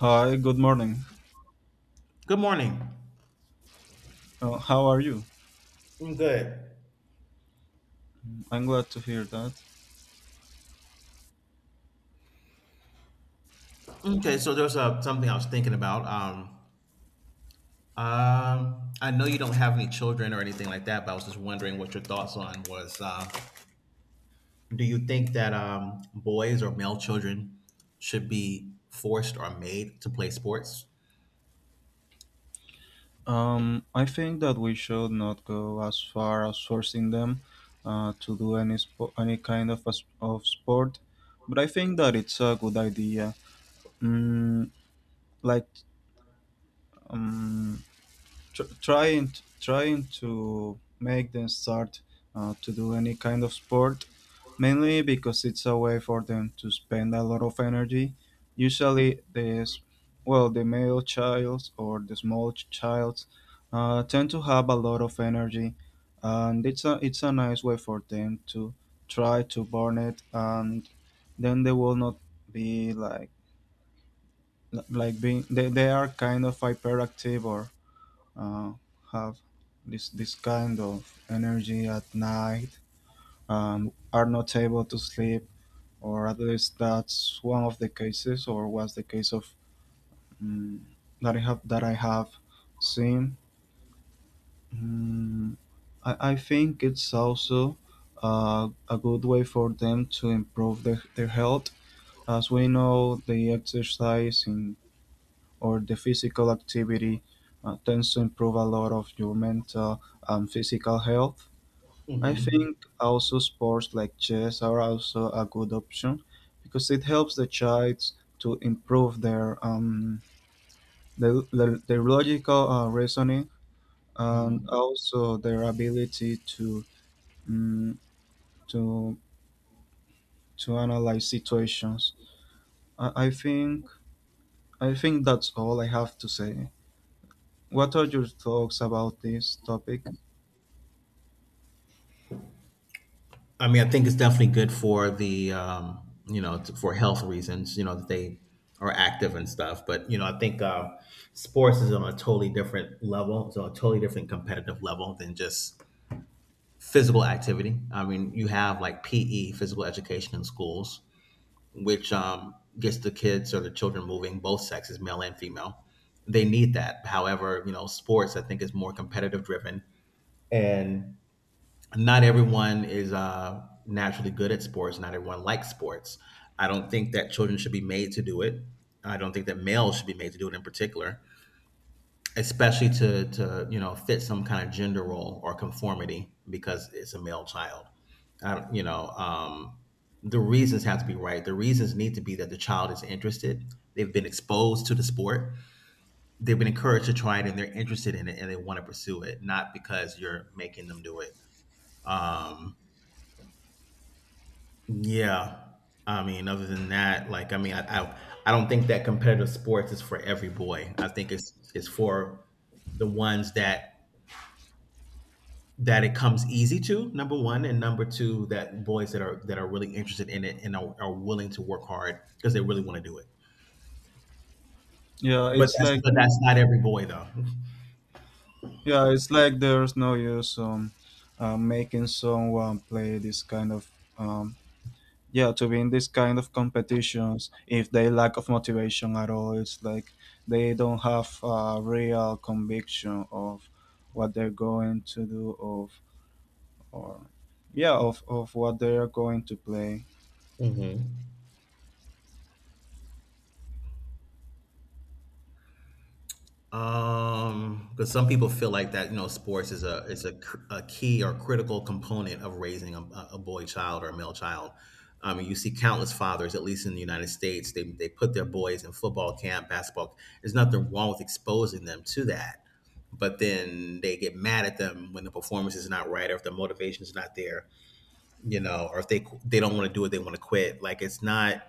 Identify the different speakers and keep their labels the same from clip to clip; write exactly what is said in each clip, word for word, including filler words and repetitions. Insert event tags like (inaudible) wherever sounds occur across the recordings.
Speaker 1: Hi, good morning.
Speaker 2: Good morning.
Speaker 1: Uh, how are you?
Speaker 2: I'm good.
Speaker 1: I'm glad to hear that.
Speaker 2: Okay, so there's uh, something I was thinking about. Um, um, I know you don't have any children or anything like that, but I was just wondering what your thoughts on was. Uh, do you think that um, boys or male children should be forced or made to play sports?
Speaker 1: Um, I think that we should not go as far as forcing them uh, to do any spo- any kind of a s of sport, but I think that it's a good idea. Mm, like, um, tr- trying trying to make them start uh, to do any kind of sport mainly because it's a way for them to spend a lot of energy. Usually this well, the male child or the small ch- child uh, tend to have a lot of energy, and it's a it's a nice way for them to try to burn it, and then they will not be like like being they, they are kind of hyperactive, or uh, have this this kind of energy at night and are not able to sleep, or at least that's one of the cases, or was the case of mm that I have that I have seen. Mm, I, I think it's also uh, a good way for them to improve their, their health. As we know, the exercise in, or the physical activity uh, tends to improve a lot of your mental and physical health. I
Speaker 2: Mm-hmm.
Speaker 1: think also sports like chess are also a good option because it helps the child to improve their um, their, their, their logical uh, reasoning, and also their ability to um, to to analyze situations. I, I think I think that's all I have to say. What are your thoughts about this topic?
Speaker 2: I mean, I think it's definitely good for the um, you know t- for health reasons. You know that they are active and stuff, but you know I think uh, sports is on a totally different level. It's on a totally different competitive level than just physical activity. I mean, you have like P E, physical education in schools, which um, gets the kids or the children moving, both sexes, male and female. They need that. However, you know, sports I think is more competitive driven and not everyone is uh, naturally good at sports. Not everyone likes sports. I don't think that children should be made to do it. I don't think that males should be made to do it in particular, especially to to you know fit some kind of gender role or conformity because it's a male child. I don't, you know, um, the reasons have to be right. The reasons need to be that the child is interested. They've been exposed to the sport. They've been encouraged to try it, and they're interested in it, and they want to pursue it, not because you're making them do it. Um, Yeah. I mean, other than that, like I mean, I, I I don't think that competitive sports is for every boy. I think it's it's for the ones that that it comes easy to, number one, and number two, that boys that are that are really interested in it and are, are willing to work hard because they really want to do it.
Speaker 1: Yeah,
Speaker 2: But
Speaker 1: it's
Speaker 2: that's
Speaker 1: like
Speaker 2: but that's not every boy though.
Speaker 1: Yeah, it's like there's no use, um, uh, making someone play this kind of, um, yeah, to be in this kind of competitions if they lack of motivation at all. It's like they don't have a real conviction of what they're going to do, of or yeah of, of what they are going to play.
Speaker 2: hmm Um, because some people feel like that, you know, sports is a is a, cr- a key or critical component of raising a, a boy child or a male child. I mean, you see countless fathers, at least in the United States, they they put their boys in football camp, basketball. There's nothing wrong with exposing them to that, but then they get mad at them when the performance is not right, or if the motivation is not there, you know, or if they qu- they don't want to do it, they want to quit. Like it's not,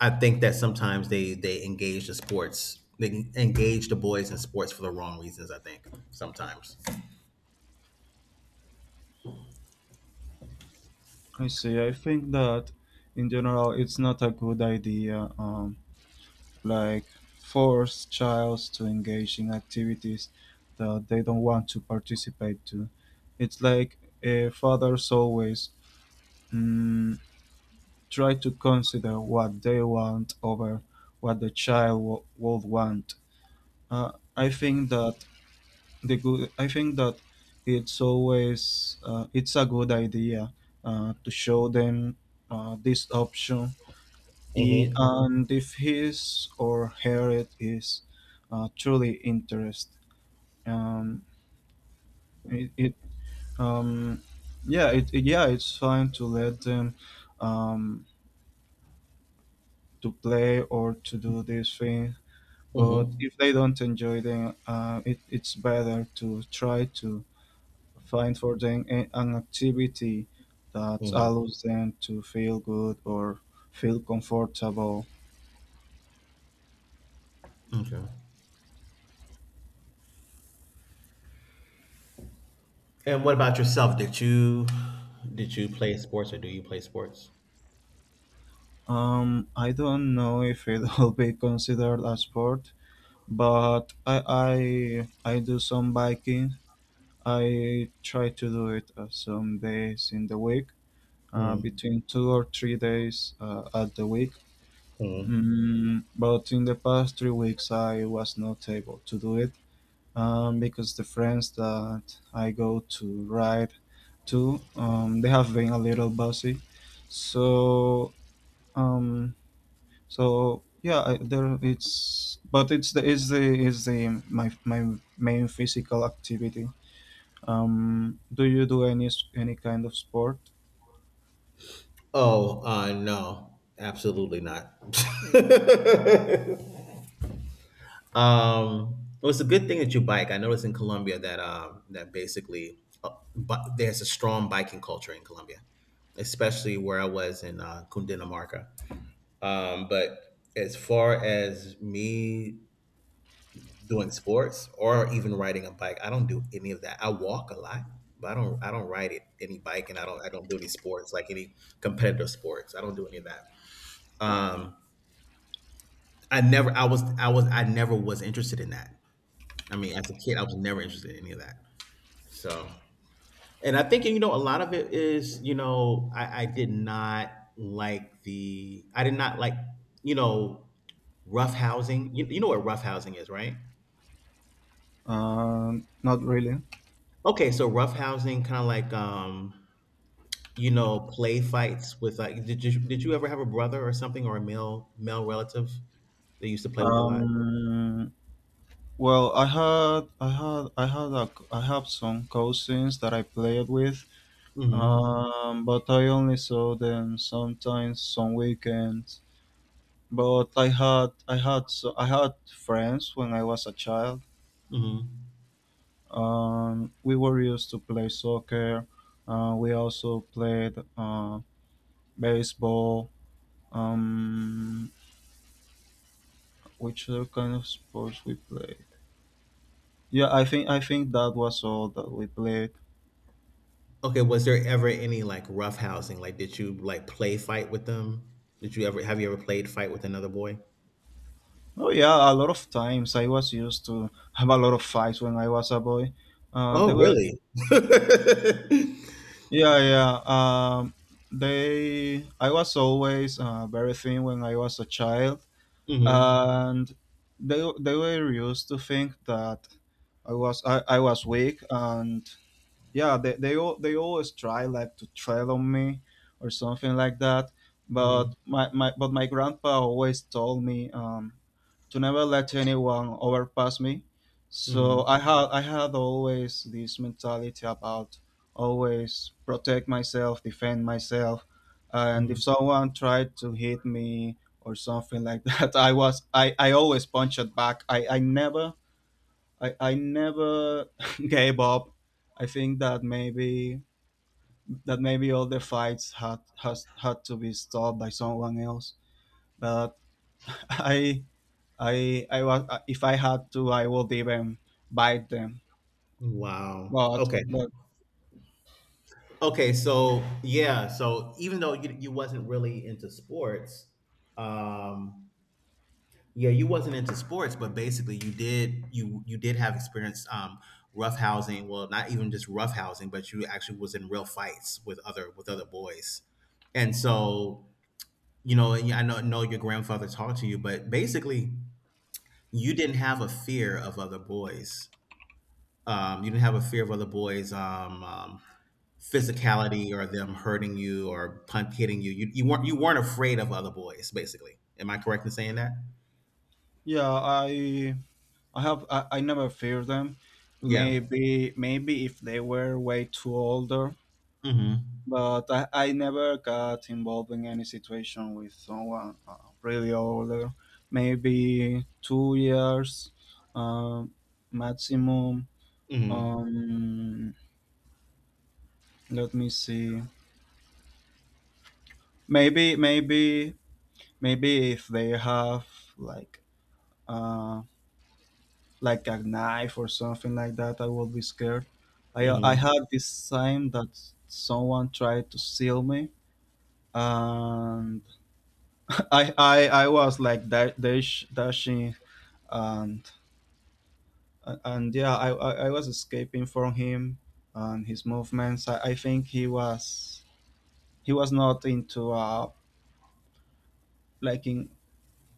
Speaker 2: I think that sometimes they they engage the sports, they engage the boys in sports for the wrong reasons. I think sometimes.
Speaker 1: I see. I think that in general it's not a good idea. Um, like, force child to engage in activities that they don't want to participate to. It's like uh, fathers always mm, try to consider what they want over what the child w- would want. Uh, I think that the good. I think that it's always uh, it's a good idea uh, to show them uh, this option. E-
Speaker 2: Mm-hmm.
Speaker 1: and if his or her it is uh, truly interest, um, it, it um, yeah it, it- yeah it's fine to let them um, to play or to do this thing, but
Speaker 2: Mm-hmm.
Speaker 1: if they don't enjoy them, uh, it, it's better to try to find for them a, an activity that
Speaker 2: Mm-hmm.
Speaker 1: allows them to feel good, or feel comfortable.
Speaker 2: Okay. And what about yourself? Did you did you play sports or do you play sports?
Speaker 1: Um, I don't know if it (laughs) will be considered a sport, but I I I do some biking. I try to do it uh, some days in the week, uh,
Speaker 2: Mm,
Speaker 1: between two or three days uh, at the week.
Speaker 2: mm.
Speaker 1: Mm, but in the past three weeks, I was not able to do it um, because the friends that I go to ride to, um, they have been a little busy. So, um, so yeah, I, there it's but it's the is the is the my my main physical activity. Um, do you do any s- any kind of sport?
Speaker 2: Oh, uh, no, absolutely not. (laughs) Um, it was a good thing that you bike. I noticed in Colombia that um, that basically, uh, but there's a strong biking culture in Colombia, especially where I was in uh, Cundinamarca. Um, but as far as me doing sports or even riding a bike, I don't do any of that. I walk a lot, but I don't I don't ride it any bike, and I don't I don't do any sports like any competitive sports. I don't do any of that. Um, I never I was I was I never was interested in that. I mean, as a kid, I was never interested in any of that. So, and I think, you know, a lot of it is, you know, I, I did not like the, I did not like, you know, rough housing. You, you know what rough housing is, right?
Speaker 1: Um, not really.
Speaker 2: Okay, so rough housing, kind of like, um, you know, play fights with like, did you, did you ever have a brother or something or a male, male relative that you used to play with a lot?
Speaker 1: Um, well, I had I had I had a c- I have some cousins that I played with,
Speaker 2: Mm-hmm.
Speaker 1: um, but I only saw them sometimes some weekends. But I had I had so I had friends when I was a child.
Speaker 2: Mm-hmm.
Speaker 1: Um, we were used to play soccer. Uh, we also played uh, baseball. Um, which other kind of sports we played? Yeah, I think I think that was all that we played.
Speaker 2: Okay, was there ever any, like, roughhousing? Like, did you, like, play fight with them? Did you ever have you ever played fight with another boy?
Speaker 1: Oh yeah, a lot of times I was used to have a lot of fights when I was a boy. Uh, they
Speaker 2: Oh,
Speaker 1: were
Speaker 2: really? (laughs)
Speaker 1: Yeah, yeah. Um, they I was always uh, very thin when I was a child,
Speaker 2: Mhm,
Speaker 1: and they they were used to think that I was I, I was weak, and yeah, they, they all they always try like to tread on me or something like that,
Speaker 2: mhm,
Speaker 1: but my, my but my grandpa always told me, um, to never let anyone overpass me. So
Speaker 2: mhm,
Speaker 1: I had I had always this mentality about always protect myself, defend myself, and if
Speaker 2: mhm.
Speaker 1: someone tried to hit me or something like (laughs) that, I was I, I always punched back. I, I never I, I never (laughs) gave up. I think that maybe that maybe all the fights had has had to be stopped by someone else. But (laughs) I I I was uh, if I had to, I would even bite them.
Speaker 2: Wow.
Speaker 1: But
Speaker 2: Okay.
Speaker 1: but
Speaker 2: Okay, so yeah, so even though you you wasn't really into sports, um yeah, you wasn't into sports, but basically you did you you did have experience um roughhousing, well not even just roughhousing, but you actually was in real fights with other with other boys. And so, you know, and yeah, I know know your grandfather talked to you, but basically you didn't have a fear of other boys. Um you didn't have a fear of other boys um, um physicality or them hurting you or punt hitting you. You you weren't you weren't afraid of other boys basically. Am I correct in saying that?
Speaker 1: yeah, I I have I, I never fear them.
Speaker 2: Yeah.
Speaker 1: Maybe maybe if they were way too older,
Speaker 2: Mhm.
Speaker 1: but I, I never got involved in any situation with someone uh, really older, maybe two years, um, maximum.
Speaker 2: Mhm.
Speaker 1: Um, Let me see. Maybe, maybe, maybe if they have, like uh, like a knife or something like that, I will be scared. I I
Speaker 2: Mm-hmm.
Speaker 1: had this time that someone tried to steal me, and I, I I was like da- dash, dashing, and and yeah, I, I I was escaping from him and his movements. I, I think he was he was not into a, like in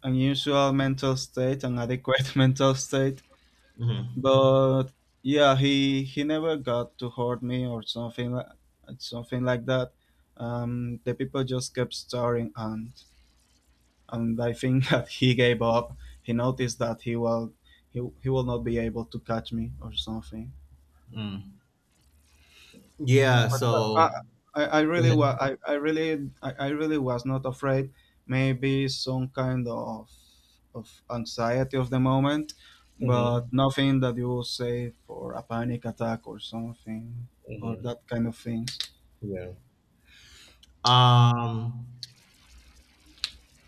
Speaker 1: unusual mental state, an adequate (laughs) mental state.
Speaker 2: Mm-hmm.
Speaker 1: But yeah, he he never got to hurt me or something like something like that. Um, the people just kept staring, and and I think (laughs) that he gave up. He noticed that he will he, he will not be able to catch me or something.
Speaker 2: Mm. Yeah.
Speaker 1: But uh,
Speaker 2: So
Speaker 1: I, I
Speaker 2: go
Speaker 1: really was
Speaker 2: ahead.
Speaker 1: I, I really I, I really was not afraid. Maybe some kind of of anxiety of the moment, but
Speaker 2: Mm-hmm.
Speaker 1: nothing that you will say for a panic attack or something, or
Speaker 2: Mm-hmm.
Speaker 1: that kind of things.
Speaker 2: Yeah. Um.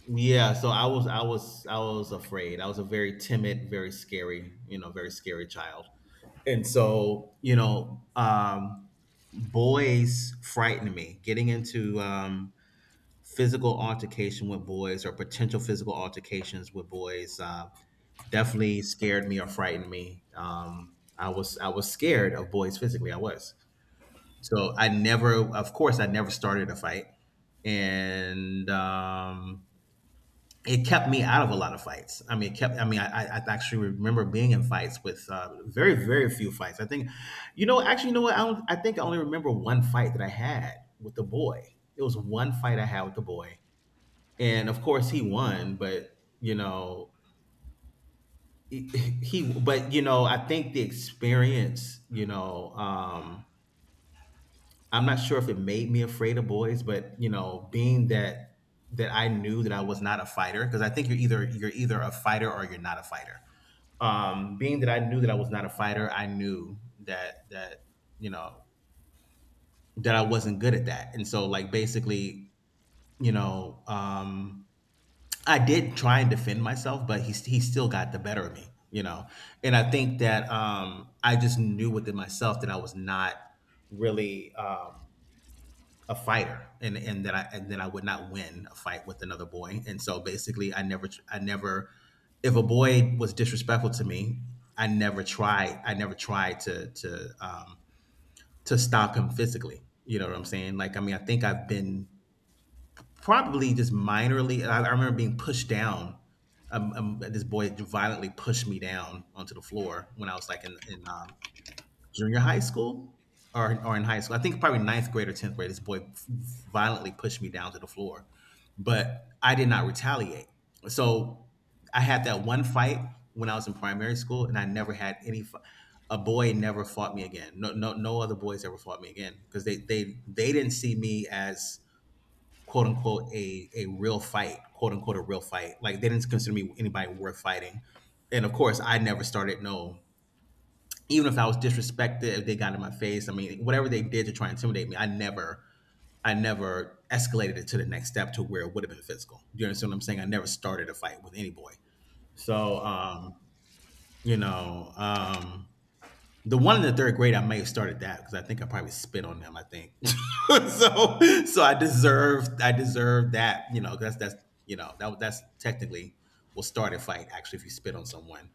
Speaker 2: Yeah. So I was. I was. I was afraid. I was a very timid, very scary. You know, very scary child. And so you know, um, boys frightened me. Getting into um, physical altercation with boys or potential physical altercations with boys uh, definitely scared me or frightened me. Um, I was I was scared of boys physically. I was. So I never, of course, I never started a fight, and um, it kept me out of a lot of fights. I mean, it kept. I mean, I, I I actually remember being in fights with uh, very, very few fights. I think, you know, actually, you know what? I don't. I think I only remember one fight that I had with the boy. It was one fight I had with the boy, and of course, he won. But you know, he, he but you know, I think the experience, you know. Um, I'm not sure if it made me afraid of boys, but you know, being that that I knew that I was not a fighter, because I think you're either you're either a fighter or you're not a fighter. Um, being that I knew that I was not a fighter, I knew that that you know that I wasn't good at that, and so like basically, you know, um, I did try and defend myself, but he he still got the better of me, you know, and I think that um, I just knew within myself that I was not really. Um, a fighter and and that I and that I would not win a fight with another boy. And so basically I never I never if a boy was disrespectful to me, I never tried I never tried to to um to stop him physically. You know what I'm saying? Like I mean I think I've been probably just minorly I, I remember being pushed down um, um, this boy violently pushed me down onto the floor when I was like in in um, junior high school or, or in high school. I think probably ninth grade or tenth grade, this boy violently pushed me down to the floor, but I did not retaliate. So I had that one fight when I was in primary school, and I never had any. fi- A boy never fought me again. No, no, no other boys ever fought me again because they, they, they didn't see me as quote unquote a a real fight, quote unquote a real fight. Like they didn't consider me anybody worth fighting. And of course, I never started no, even if I was disrespected, if they got in my face, I mean, whatever they did to try and intimidate me, I never, I never escalated it to the next step to where it would have been physical. Do you understand what I'm saying? I never started a fight with any boy. So, um, you know, um, the one in the third grade, I may have started that because I think I probably spit on them. I think (laughs) so. So I deserved, I deserved that. You know, 'cause that's that's you know that was that's technically will start a fight actually if you spit on someone.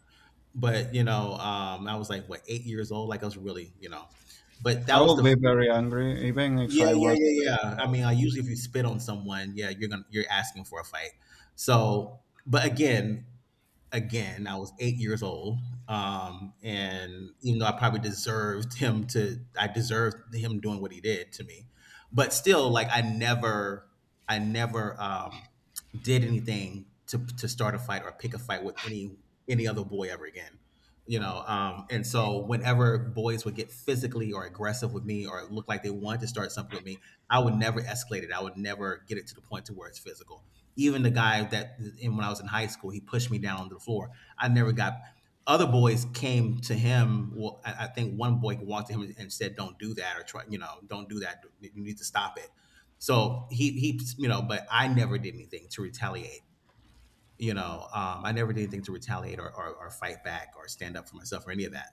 Speaker 2: But, you know, um, I was like, what, eight years old? Like, I was really, you know, but
Speaker 1: I
Speaker 2: that was
Speaker 1: will
Speaker 2: the.
Speaker 1: be very angry even if
Speaker 2: Yeah,
Speaker 1: I
Speaker 2: yeah,
Speaker 1: was,
Speaker 2: yeah,
Speaker 1: like
Speaker 2: yeah. I mean,
Speaker 1: that.
Speaker 2: I usually if you spit on someone, yeah, you're gonna you're asking for a fight. So, but again, again. I was eight years old, um, and even though I probably deserved (laughs) him to, I deserved him doing what he did to me. But still, like I never, I never um, did anything to to start a fight or pick a fight with any any other boy ever again. You know, um, and so whenever boys would get physically or aggressive with me or look like they wanted to start something with me, I would never escalate it. I would never get it to the point to where it's physical. Even the guy that, and when I was in high school, he pushed me down onto the floor. I never got. Other boys came to him. Well, I, I think one boy walked to him and and said, "Don't do that," or try, you know, "Don't do that. You need to stop it." So he he, you know, but I never did anything to retaliate. You know, um, I never did anything to retaliate or, or, or fight back or stand up for myself or any of that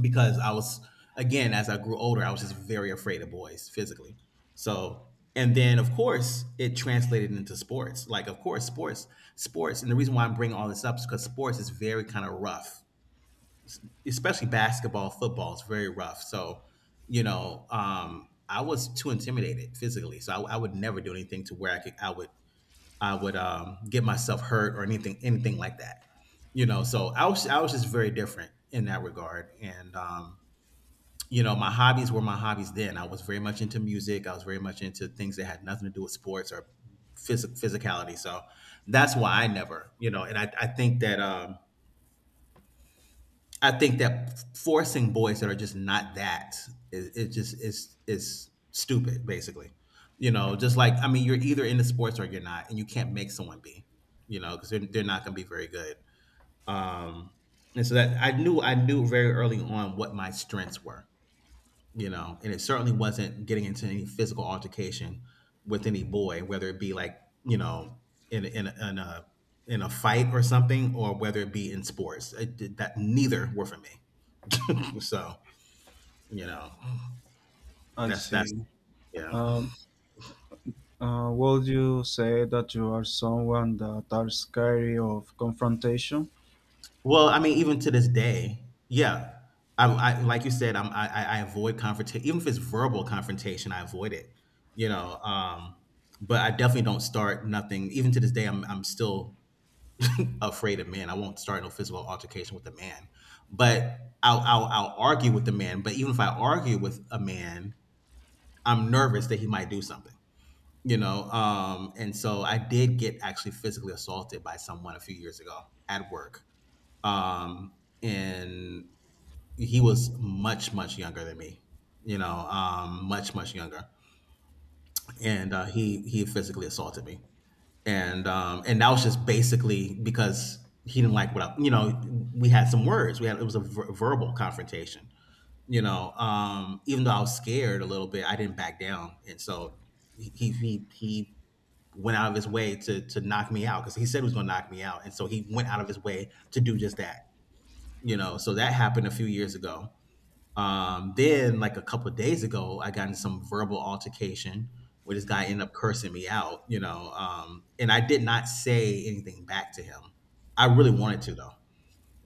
Speaker 2: because I was again as I grew older, I was just very afraid of boys physically. So and then of course it translated into sports. Like of course sports, sports, and the reason why I'm bringing all this up is because sports is very kind of rough, especially basketball, football is very rough. So you know, um, I was too intimidated physically, so I, I would never do anything to where I could I would I would um, get myself hurt or anything anything like that. You know, so I was I was just very different in that regard, and um, you know, my hobbies were my hobbies then. I was very much into music. I was very much into things that had nothing to do with sports or phys- physicality. So that's why I never, you know, and I, I think that, um, I think that forcing boys that are just not that is, it just is, is stupid basically, you know, just like, I mean, you're either into sports or you're not, and you can't make someone be, you know, cause they're, they're not going to be very good. Um, and so that I knew, I knew very early on what my strengths were, you know, and it certainly wasn't getting into any physical altercation with any boy, whether it be like, you know, in in in a in a fight or something, or whether it be in sports. It, did- that neither were for me. So you know,
Speaker 1: I
Speaker 2: that's that's
Speaker 1: see.
Speaker 2: Yeah.
Speaker 1: Um, Uh, would you say that you are someone that are scary of confrontation?
Speaker 2: Well, I mean, even to this day, yeah. I, I like you said, I'm, I I I avoid confrontation. Even if it's verbal confrontation, I avoid it. You know, um, but I definitely don't start nothing. Even to this day, I'm I'm still afraid of men. I won't start no physical altercation with a man, but I'll, I'll I'll argue with the man. But even if I argue with a man, I'm nervous that he might do something. You know, um, and so I did get actually physically assaulted by someone a few years ago at work, um, and he was much much younger than me. You know, um, much much younger, and uh, he he physically assaulted me and um, and that was just basically because he didn't like what I, you know. We had some words. We had it was a ver- verbal confrontation. You know, um, even though I was scared a little bit, I didn't back down, and so he he he, he went out of his way to to knock me out because he said he was going to knock me out, and so he went out of his way to do just that. You know, so that happened a few years ago. Um, then, like a couple of days ago, I got in some verbal altercation where this guy ended up cursing me out, you know, um, and I did not say anything back to him. I really wanted to, though,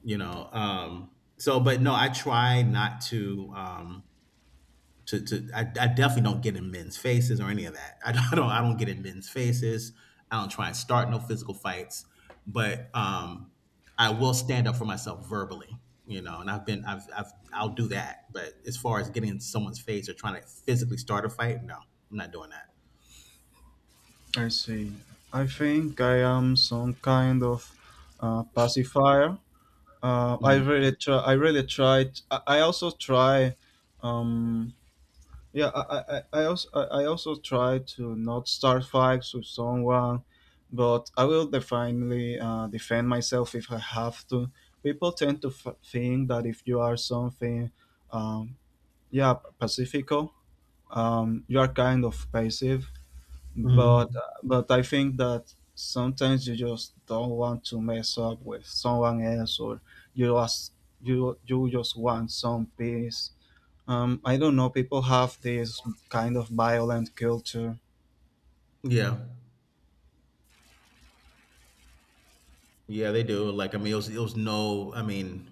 Speaker 2: you know. Um, so, but no, I try not to. Um, to, to I, I definitely don't get in men's faces or any of that. I don't, (laughs) I don't I don't get in men's faces. I don't try and start no physical fights, but um, I will stand up for myself verbally, you know. And I've been I've I've I'll do that. But as far as getting in someone's face or trying to physically start a fight, no, I'm not doing that.
Speaker 1: I see. I think I am some kind of uh, pacifier. Uh, I
Speaker 2: Mhm.
Speaker 1: really try. I really tried. I, I also try. Um, yeah, I, I, I also I I also try to not start fights with someone, but I will definitely uh, defend myself if I have to. People tend to f- think that if you are something, um, yeah, pacifico, um, you are kind of passive, but
Speaker 2: Mhm.
Speaker 1: but I think that sometimes you just don't want to mess up with someone else, or you just you you just want some peace. um, I don't know, people have this kind of violent culture.
Speaker 2: Yeah, yeah, they do. Like I mean, it was, it was no. I mean,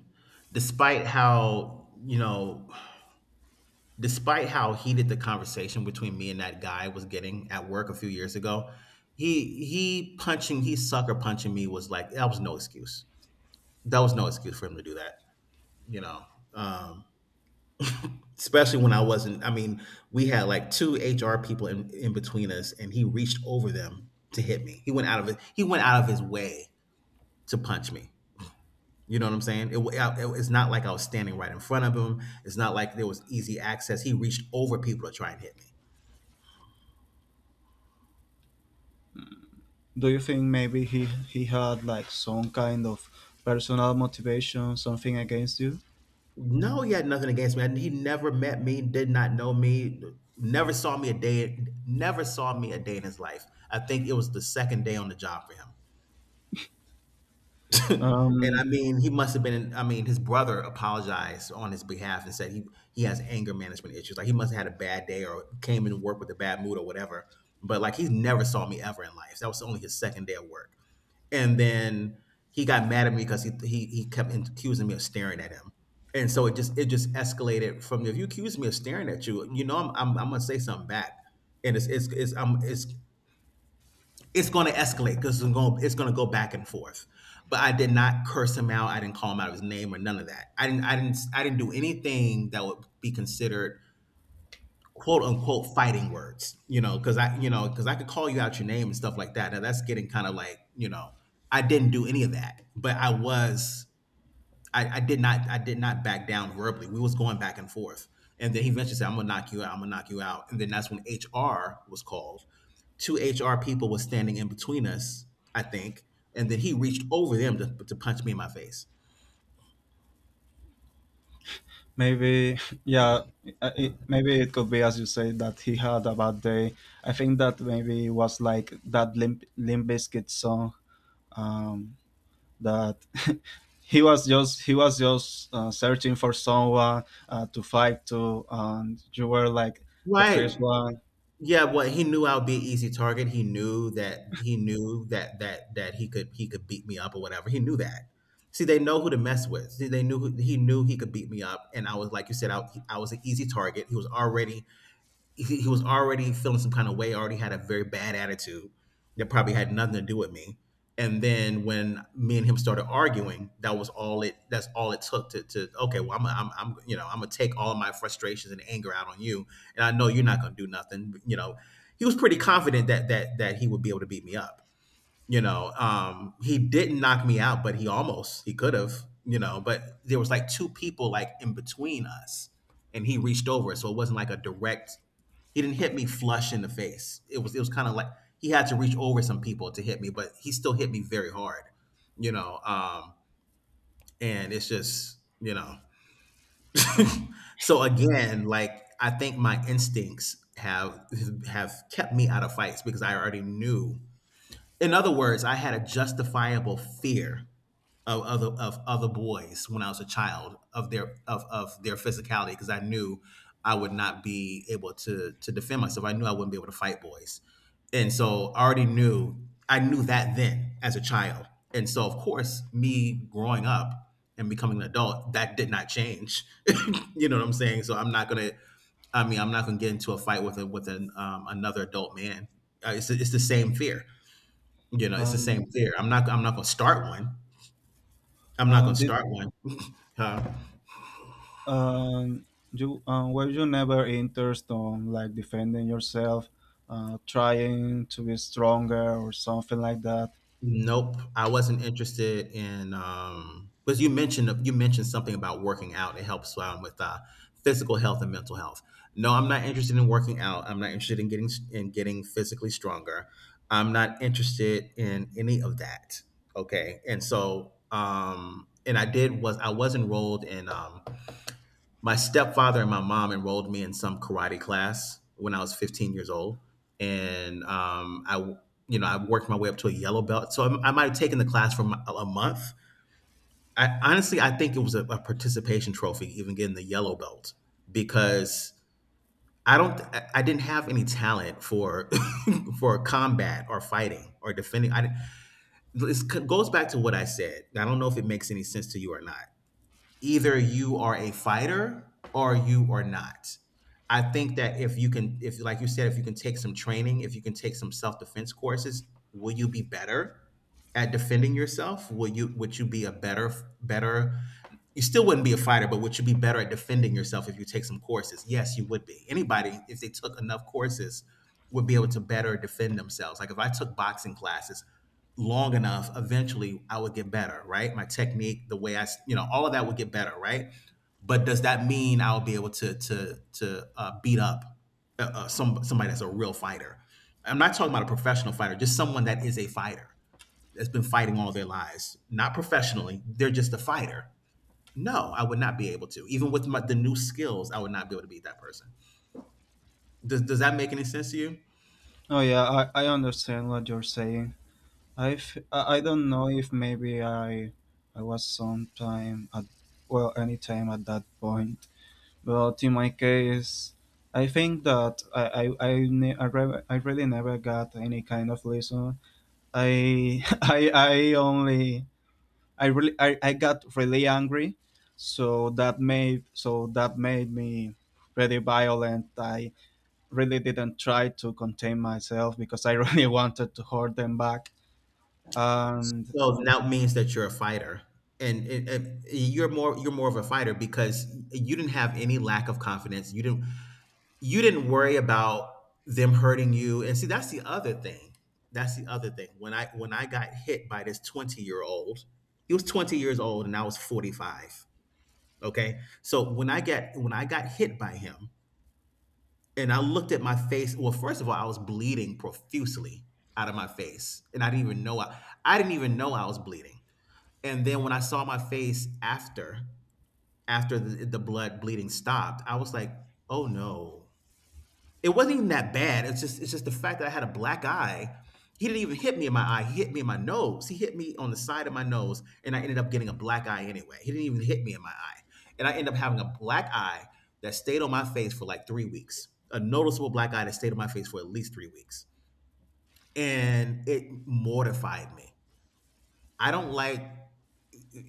Speaker 2: despite how you know despite how heated the conversation between me and that guy was getting at work a few years ago, he he punching he sucker punching me was like that was no excuse. That was no excuse for him to do that. You know, um, Especially when I wasn't. I mean, we had like two H R people in, in between us, and he reached over them to hit me. He went out of it. He went out of his way to punch me. You know what I'm saying? It, wa- it- it's not like I was standing right in front of him. It's not like there was easy access. He reached over people to try and hit me.
Speaker 1: Do you think maybe he he had like some kind of personal motivation, something against you?
Speaker 2: No, he had nothing against me. And he never met me, did not know me, never saw me a day, never saw me a day in his life. I think it was the second day on the job for him. (laughs) And
Speaker 1: Um,
Speaker 2: I mean, he must have been, I mean, his brother apologized on his behalf and said he, he has anger management issues. Like he must have had a bad day or came into work with a bad mood or whatever. But like he's never saw me ever in life. That was only his second day at work and then he got mad at me because he, he he kept accusing me of staring at him, and so it just it just escalated from if you accuse me of staring at you, you know I'm I'm, I'm gonna say something back, and it's it's it's um it's it's gonna escalate because it's gonna it's gonna go back and forth. But I did not curse him out. I didn't call him out his name or none of that. I didn't I didn't I didn't do anything that would be considered quote unquote fighting words, you know, because I, you know, because I could call you out your name and stuff like that. Now that's getting kind of like, you know, I didn't do any of that, but I was, I, I did not, I did not back down verbally. We was going back and forth, and then he eventually said, "I'm gonna knock you out. I'm gonna knock you out." And then that's when H R was called. Two H R people was standing in between us, I think, and then he reached over them to, to punch me in my face.
Speaker 1: Maybe, yeah, uh, it, maybe it could be as you say that he had a bad day. I think that maybe it was like that Limp, Limp Bizkit song, um, that (laughs) he was just he was just uh, searching for someone uh, to fight to, and you were like the first
Speaker 2: Right.
Speaker 1: one.
Speaker 2: Yeah, well, he knew I would be an easy target. He knew that he knew that that that he could he could beat me up or whatever. He knew that. See, they know who to mess with. See, they knew who, he knew he could beat me up, and I was like you said, I, I was an easy target. He was already he, he was already feeling some kind of way, already had a very bad attitude that probably had nothing to do with me. And then when me and him started arguing, that was all it. That's all it took to, to okay. Well, I'm, I'm, I'm, you know, I'm gonna take all of my frustrations and anger out on you, and I know you're not gonna do nothing. You know, he was pretty confident that that that he would be able to beat me up. You know, um, he didn't knock me out, but he almost he could have. You know, but there was like two people like in between us, and he reached over, so it wasn't like a direct he didn't hit me flush in the face. It was it was kind of like he had to reach over some people to hit me, but he still hit me very hard. You know, um, and it's just you know. So again, like I think my instincts have have kept me out of fights because I already knew. In other words, I had a justifiable fear of other of other boys when I was a child of their of of their physicality because I knew I would not be able to to defend myself. I knew I wouldn't be able to fight boys, and so I already knew I knew that then as a child. And so of course, me growing up and becoming an adult, that did not change. (laughs) You know what I'm saying? So I'm not gonna. I mean, I'm not gonna get into a fight with a, with an um, another adult man. Uh, it's it's the same fear. You know, it's the same
Speaker 1: Um,
Speaker 2: fear. I'm not I'm not gonna start one. I'm not
Speaker 1: uh,
Speaker 2: gonna
Speaker 1: did
Speaker 2: start one. Huh?
Speaker 1: um, you um, Were you never interested on like defending yourself, uh, trying to be stronger or something like that?
Speaker 2: Nope. I wasn't interested in um because you mentioned you mentioned something about working out. It helps um, with uh, physical health and mental health. No, I'm not interested in working out. I'm not interested in getting s- in getting physically stronger. I'm not interested in any of that. Okay. And so um and I did was I was enrolled in um my stepfather and my mom enrolled me in some karate class when I was 15 years old, and um, I, you know, I worked my way up to a yellow belt. So I, I might have taken the class for a month. I honestly, I think it was a, a participation trophy, even getting the yellow belt, because I don't, I- didn't have any talent for (laughs) for combat or fighting or defending. I, did This goes back to what I said. I don't know if it makes any sense to you or not. Either you are a fighter or you are not. I think that if you can, if like you said, if you can take some training, if you can take some self defense courses, will you be better at defending yourself? Will you Would you be a better better you still wouldn't be a fighter, but would you be better at defending yourself if you take some courses? Yes, you would be. Anybody, if they took enough courses, would be able to better defend themselves. Like if I took boxing classes long enough, eventually I would get better, right? My technique, the way I, you know, all of that would get better, right? But does that mean I'll be able to to to uh, beat up uh, uh, some somebody that's a real fighter? I'm not talking about a professional fighter, just someone that is a fighter that's been fighting all their lives, not professionally. They're just a fighter. No, I would not be able to. Even with my, the new skills, I would not be able to beat that person. Does, does that make any sense to you?
Speaker 1: Oh yeah, I, I understand what you're saying. I've I I don't know if maybe I I was sometime at, well, anytime at that point, but in my case, I think that I I I, ne- I, re- I really never got any kind of lesson. I (laughs) I I only I really I, I got really angry, so that made, so that made me pretty violent. I really didn't try to contain myself because I really (laughs) wanted to hold them back. And
Speaker 2: So now it means that you're a fighter, and it, it, you're more you're more of a fighter because you didn't have any lack of confidence. You didn't you didn't worry about them hurting you. And see, that's the other thing. That's the other thing. When I when I got hit by this twenty year old, he was twenty years old, and I was forty five. Okay, so when I get when I got hit by him, and I looked at my face. Well, first of all, I was bleeding profusely out of my face. And I didn't even know I, I didn't even know I was bleeding. And then when I saw my face after after the, the blood bleeding stopped, I was like, "Oh no, it wasn't even that bad." It's just it's just the fact that I had a black eye. He didn't even hit me in my eye. He hit me in my nose. He hit me on the side of my nose, and I ended up getting a black eye anyway. He didn't even hit me in my eye, and I ended up having a black eye that stayed on my face for like three weeks. A noticeable black eye that stayed on my face for at least three weeks, and it mortified me. I don't like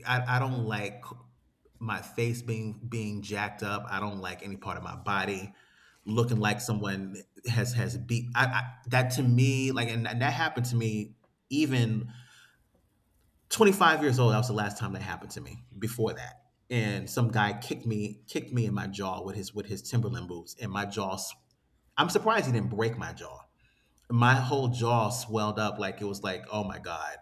Speaker 2: I, I don't like my face being being jacked up. I don't like any part of my body looking like someone has has beat. I, I that to me like and, and that happened to me even twenty-five years old. That was the last time that happened to me. Before that, and some guy kicked me kicked me in my jaw with his with his Timberland boots, and my jaw. s- I'm surprised he didn't break my jaw. My whole jaw swelled up. Like it was like Oh my god.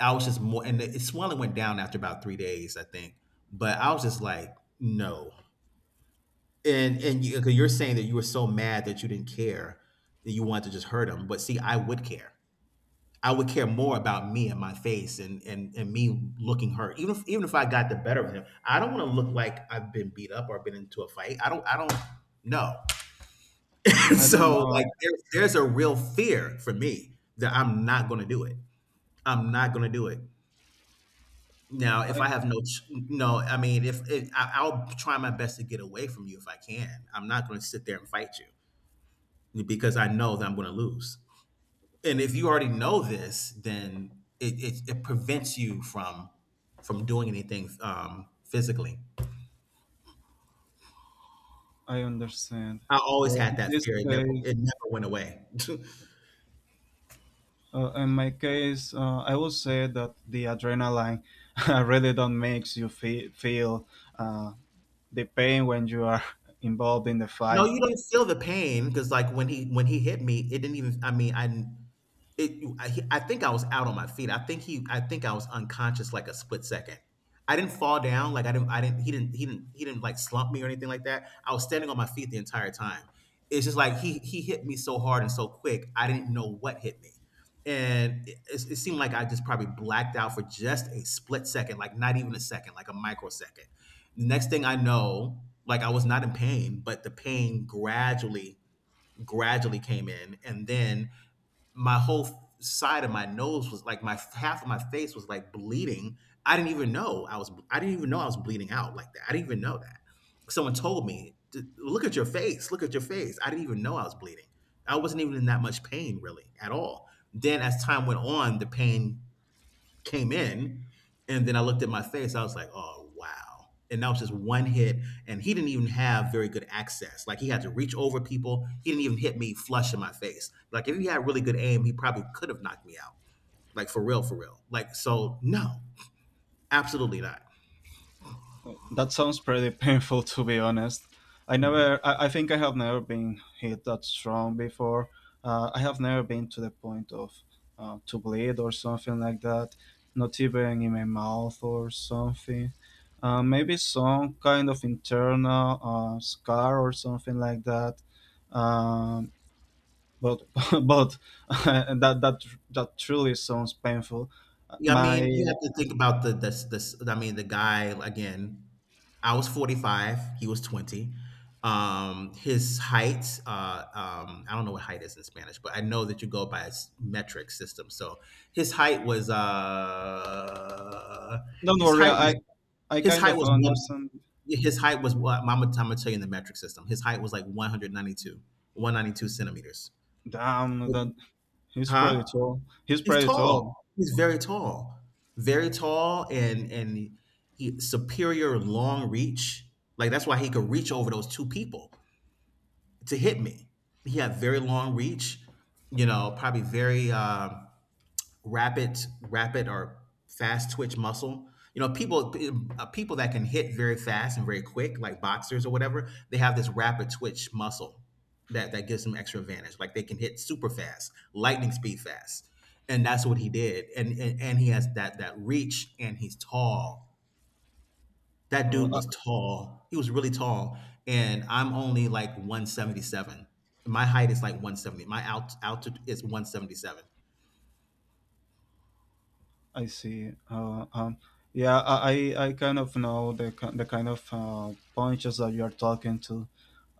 Speaker 2: I was just more, and the swelling went down after about three days, I think. But I was just like, no. And and you, 'cause you're saying that you were so mad that you didn't care, that you wanted to just hurt him. But see, I would care. I would care more about me and my face and and and me looking hurt. Even if, even if I got the better of him, I don't want to look like I've been beat up or been into a fight. I don't. I don't. No. (laughs)
Speaker 1: I don't
Speaker 2: So like,
Speaker 1: know.
Speaker 2: there's there's a real fear for me that I'm not going to do it. I'm not going to do it. Now, if I
Speaker 1: I
Speaker 2: have no, ch- no, I mean, if, if I, I'll try my best to get away from you if I can. I'm not going to sit there and fight you because I know that I'm going to lose. And if you already know this, then it, it, it prevents you from from doing anything um, physically.
Speaker 1: I understand.
Speaker 2: I always
Speaker 1: Well,
Speaker 2: had
Speaker 1: in
Speaker 2: that
Speaker 1: this
Speaker 2: fear. It never
Speaker 1: case,
Speaker 2: it never went away. (laughs)
Speaker 1: uh, in my case, uh, I would say that the adrenaline (laughs) really don't makes you fe- feel uh, the pain when you are (laughs) involved in the
Speaker 2: No,
Speaker 1: fight.
Speaker 2: you don't feel the pain because like when he when he hit me, it didn't even. I mean, I It, I, he- I think I was out on my feet. I think he, I think I was unconscious like a split second. I didn't fall down. Like I didn't, I didn't, he didn't, he didn't, he didn't like slump me or anything like that. I was standing on my feet the entire time. It's just like he, he hit me so hard and so quick. I didn't know what hit me. And it, it it seemed like I just probably blacked out for just a split second, like not even a second, like a microsecond. Next thing I know, like I was not in pain, but the pain gradually, gradually came in. And then my whole side of my nose was like, my half of my face was like bleeding. I didn't even know I was I didn't even know I was bleeding out like that. I didn't even know that. Someone told me, "Look at your face. Look at your face." I didn't even know I was bleeding. I wasn't even in that much pain really at all. Then as time went on, the pain came in, and then I looked at my face. I was like, oh wow. And that was just one hit, and he didn't even have very good access. Like he had to reach over people. He didn't even hit me flush in my face. Like if he had really good aim, he probably could have knocked me out. Like for real, for real. Like so, no, absolutely not.
Speaker 1: That sounds pretty painful, to be honest. I
Speaker 2: Mm.
Speaker 1: never, I, I think I have never been hit that strong before. Uh, I have never been to the point of uh, to bleed or something like that, not even in my mouth or something. Uh, maybe some kind of internal uh, scar or something like that. Um, but (laughs) but (laughs) that that that truly sounds painful.
Speaker 2: Yeah, I
Speaker 1: My
Speaker 2: mean, you have to think about the this this. I mean, the guy again. I was forty five. He was twenty. Um, his height. Uh, um, I don't know what height is in Spanish, but I know that you go by a s- metric system. So his height was. Uh,
Speaker 1: Don't
Speaker 2: his
Speaker 1: worry,
Speaker 2: height was.
Speaker 1: I I
Speaker 2: His
Speaker 1: kind
Speaker 2: height
Speaker 1: of
Speaker 2: was one.
Speaker 1: understand.
Speaker 2: His height was what? I'm gonna, I'm gonna tell you in the metric system. His height was like one hundred ninety-two one hundred ninety-two centimeters.
Speaker 1: Damn, that he's
Speaker 2: Huh?
Speaker 1: pretty tall. He's
Speaker 2: He's
Speaker 1: pretty
Speaker 2: tall.
Speaker 1: tall.
Speaker 2: He's very tall, very tall, and and he superior long reach. Like that's why he could reach over those two people to hit me. He had very long reach. You know, probably very. Um, rapid Rapid or fast twitch muscle. You know people, uh, people that can hit very fast and very quick like boxers or whatever, they have this rapid twitch muscle that that gives them extra advantage. Like they can hit super fast, lightning speed fast, and that's what he did. And and, and he has that that reach and he's tall. That
Speaker 1: Uh,
Speaker 2: dude was tall. He was really tall. And I'm only like one seventy-seven. My height is like one seventy. My alt- altitude is one seventy-seven.
Speaker 1: I, I see. Uh, um, yeah, I, I I kind of know the ki- the kind of uh, punches that you're talking to.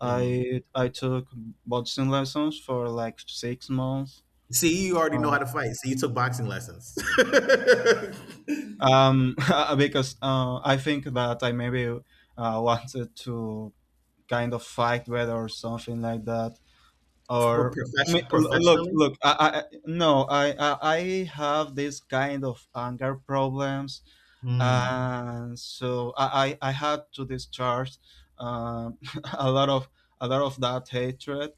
Speaker 1: I I took boxing lessons for like six months.
Speaker 2: See, you already know
Speaker 1: Uh,
Speaker 2: how to fight. So you took boxing lessons. (laughs) Pro-
Speaker 1: um, (laughs) because uh, I think that I maybe uh, wanted to kind of fight better or something like that. Or I
Speaker 2: profession-
Speaker 1: l- look
Speaker 2: professionally?
Speaker 1: look I, I I- no I, I I have this kind of anger problems.
Speaker 2: Hmm.
Speaker 1: And so i i, I had to discharge, um, (laughs) a lot of a lot of that hatred.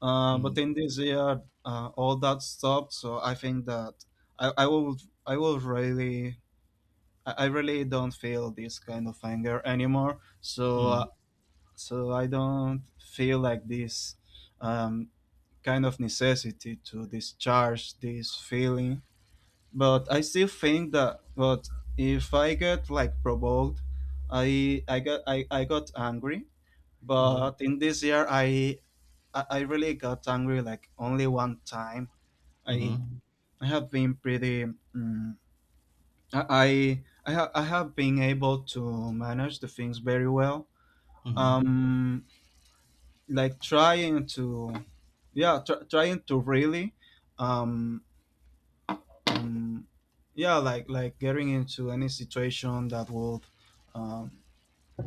Speaker 1: uh, But
Speaker 2: Mhm.
Speaker 1: in this year, uh, all that stopped, so I think that i i will i will really i I really don't feel this kind of anger anymore. So, uh,
Speaker 2: Mhm.
Speaker 1: so I don't feel like this, um, kind of necessity to discharge this feeling. But I still think that, but if I get like provoked, I I got I, I got angry.
Speaker 2: Mhm.
Speaker 1: But in this year, I I I really got angry like only one time. I
Speaker 2: Mhm.
Speaker 1: I have been pretty, mm, I I I, ha- I have been able to manage the things very well.
Speaker 2: Mhm.
Speaker 1: Um like, trying to, yeah, tr- trying to really um um yeah like like getting into any situation that would, um,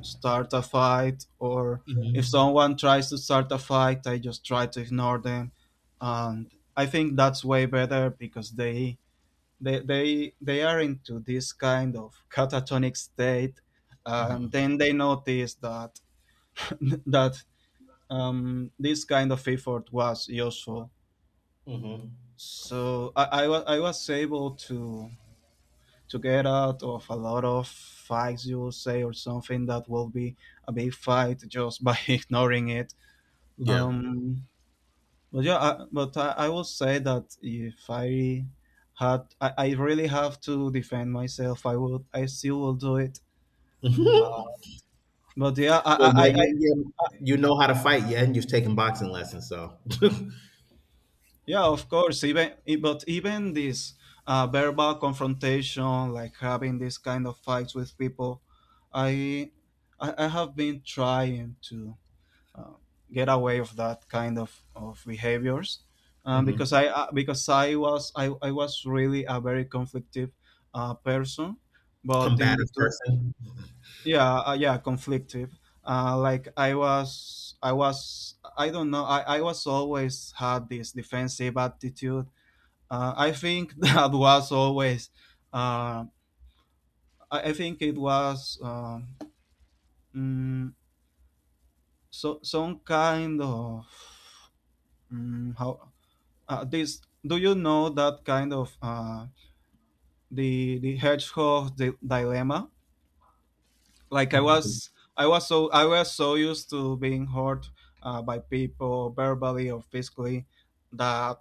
Speaker 1: start a fight. Or If
Speaker 2: Mhm.
Speaker 1: someone tries to start a fight, I just try to ignore them. And I think that's way better, because they they they, they are into this kind of catatonic state, and
Speaker 2: Mhm.
Speaker 1: then they notice that (laughs) that um, this kind of effort was useful.
Speaker 2: Mhm.
Speaker 1: So I, I, wa- I was able to to get out of a lot of fights, you will say, or something that will be a big fight, just by (laughs) ignoring it.
Speaker 2: Yeah.
Speaker 1: Um, but yeah, I, but I, I will say that if I had, I, I really have to defend myself, I would, I still will do it. But
Speaker 2: (laughs)
Speaker 1: but yeah, I, I,
Speaker 2: Well, yeah,
Speaker 1: I,
Speaker 2: yeah,
Speaker 1: I-
Speaker 2: yeah. You know how to fight, yeah, and you've taken boxing lessons, so. (laughs)
Speaker 1: yeah, of course. Even i- but even this, uh, verbal confrontation, like having this kind of fights with people, I, I, I have been trying to. uh, get away of that kind of, of behaviors, um, because
Speaker 2: Hmm.
Speaker 1: I uh, because I was I, I was really a very conflictive, uh, person. But in the
Speaker 2: Combative
Speaker 1: two,
Speaker 2: person.
Speaker 1: yeah, uh, yeah conflictive. Uh, like, I was I was I don't know, I, I was always had this defensive attitude. uh, I think (laughs) that was always, uh, I, I think it was, um, mm, so, some kind of, mm, how, uh, this, do you know that kind of, uh, the the hedgehog di- dilemma. Like, i
Speaker 2: The,
Speaker 1: was i was so i was so used to being hurt, uh, by people verbally or physically, that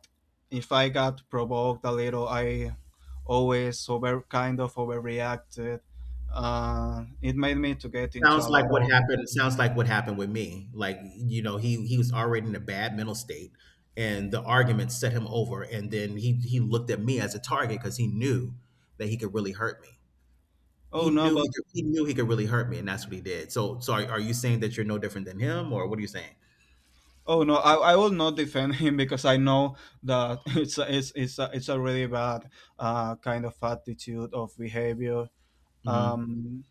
Speaker 1: if I got provoked a little, I always, over, kind of overreacted. Uh, it made me to get into
Speaker 2: Sounds
Speaker 1: a lot
Speaker 2: like what
Speaker 1: of.
Speaker 2: happened. Sounds like what happened with me. Like you know, he he was already in a bad mental state, and the argument set him over. And then he he looked at me as a target because he knew that he could really hurt me.
Speaker 1: Oh
Speaker 2: He
Speaker 1: no,
Speaker 2: knew he
Speaker 1: but
Speaker 2: could, he knew he could really hurt me, and that's what he did. So so are, are you saying that you're no different than him, or what are you saying?
Speaker 1: oh no, I, I will not defend (laughs) him because I know that (laughs) it's a, it's it's a, it's a really bad, uh, kind of attitude of behavior.
Speaker 2: Hmm.
Speaker 1: Um,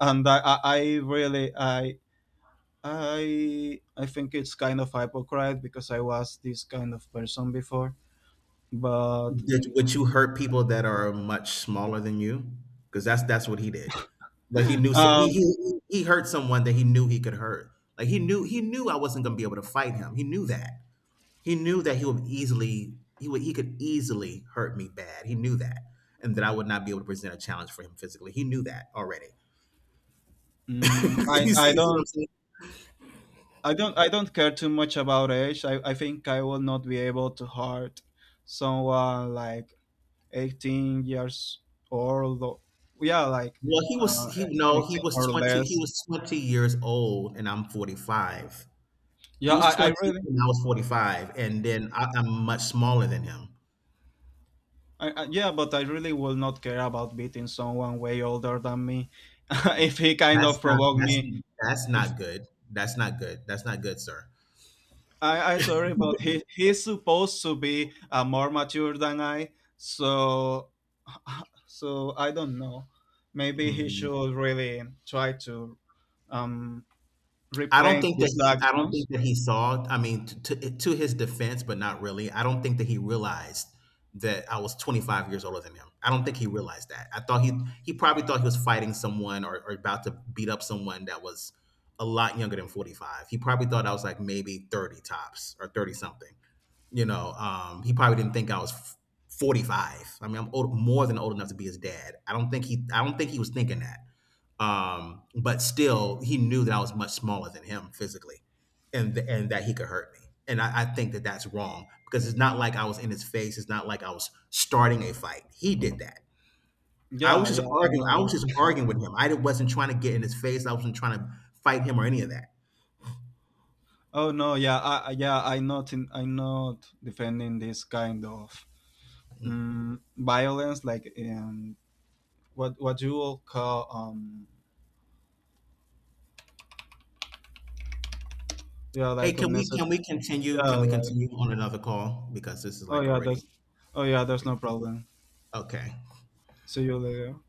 Speaker 1: and I, I I really, I I I think it's kind of hypocrite because I was this kind of person before. But,
Speaker 2: Did, would you hurt people that are much smaller than you? Because that's that's what he did. Like he knew so- he,
Speaker 1: um,
Speaker 2: he he hurt someone that he knew he could hurt. Like he knew he knew I wasn't gonna be able to fight him. He knew that. He knew that he would easily he would he could easily hurt me bad. He knew that. And that I would not be able to present a challenge for him physically. He knew that already. (laughs)
Speaker 1: mm, I
Speaker 2: You see,
Speaker 1: I
Speaker 2: you see what I'm
Speaker 1: don't
Speaker 2: saying?
Speaker 1: I don't I don't care too much about age. I, I think I will not be able to hurt someone like eighteen years old. Yeah, like,
Speaker 2: Well, he was
Speaker 1: uh,
Speaker 2: he no, he
Speaker 1: eighteen
Speaker 2: was
Speaker 1: or
Speaker 2: 20 he
Speaker 1: less.
Speaker 2: was twenty years old and I'm forty-five. He
Speaker 1: Yeah,
Speaker 2: was
Speaker 1: i, I
Speaker 2: twenty
Speaker 1: really.
Speaker 2: and I was forty-five and then I, I'm much smaller than him.
Speaker 1: I, I, yeah, but I really will not care about beating someone way older than me, (laughs) if he kind
Speaker 2: That's
Speaker 1: of
Speaker 2: not
Speaker 1: provoke
Speaker 2: that's
Speaker 1: me.
Speaker 2: that's
Speaker 1: if
Speaker 2: not good. That's not good. That's not good, sir.
Speaker 1: i i sorry, but he he's supposed to be, uh, more mature than I. So, so I don't know. Maybe he
Speaker 2: Mm.
Speaker 1: should really try to, um
Speaker 2: I don't
Speaker 1: replay
Speaker 2: think that
Speaker 1: his
Speaker 2: he I don't think
Speaker 1: actions.
Speaker 2: that he saw. I mean, to to to his defense, but not really, I don't think that he realized that I was twenty-five years older than him. I don't think he realized that. I thought he he probably thought he was fighting someone or, or about to beat up someone that was a lot younger than forty-five. He probably thought I was like maybe thirty tops or thirty something. You know, um, he probably didn't think I was f- forty-five. I mean, I'm old, more than old enough to be his dad. I don't think he I don't think he was thinking that. Um, but still, he knew that I was much smaller than him physically, and th- and that he could hurt me. And I, I think that that's wrong because it's not like I was in his face. It's not like I was starting a fight. He did that. I was
Speaker 1: Yeah,
Speaker 2: just
Speaker 1: yeah, I
Speaker 2: arguing.
Speaker 1: know
Speaker 2: I was just
Speaker 1: that.
Speaker 2: arguing with him. I wasn't trying to get in his face. I wasn't trying to fight him or any of that.
Speaker 1: Oh no, yeah, I, yeah, I'm not, in, I'm not defending this kind of,
Speaker 2: Mm.
Speaker 1: um, violence, like, um, what what you will call, um, yeah,
Speaker 2: Hey,
Speaker 1: like,
Speaker 2: can we
Speaker 1: unnecessary,
Speaker 2: can we continue?
Speaker 1: yeah,
Speaker 2: Can we
Speaker 1: like,
Speaker 2: continue on another call because this is
Speaker 1: oh
Speaker 2: like
Speaker 1: yeah,
Speaker 2: already
Speaker 1: that's, oh yeah, there's
Speaker 2: okay.
Speaker 1: no problem.
Speaker 2: Okay.
Speaker 1: See you later.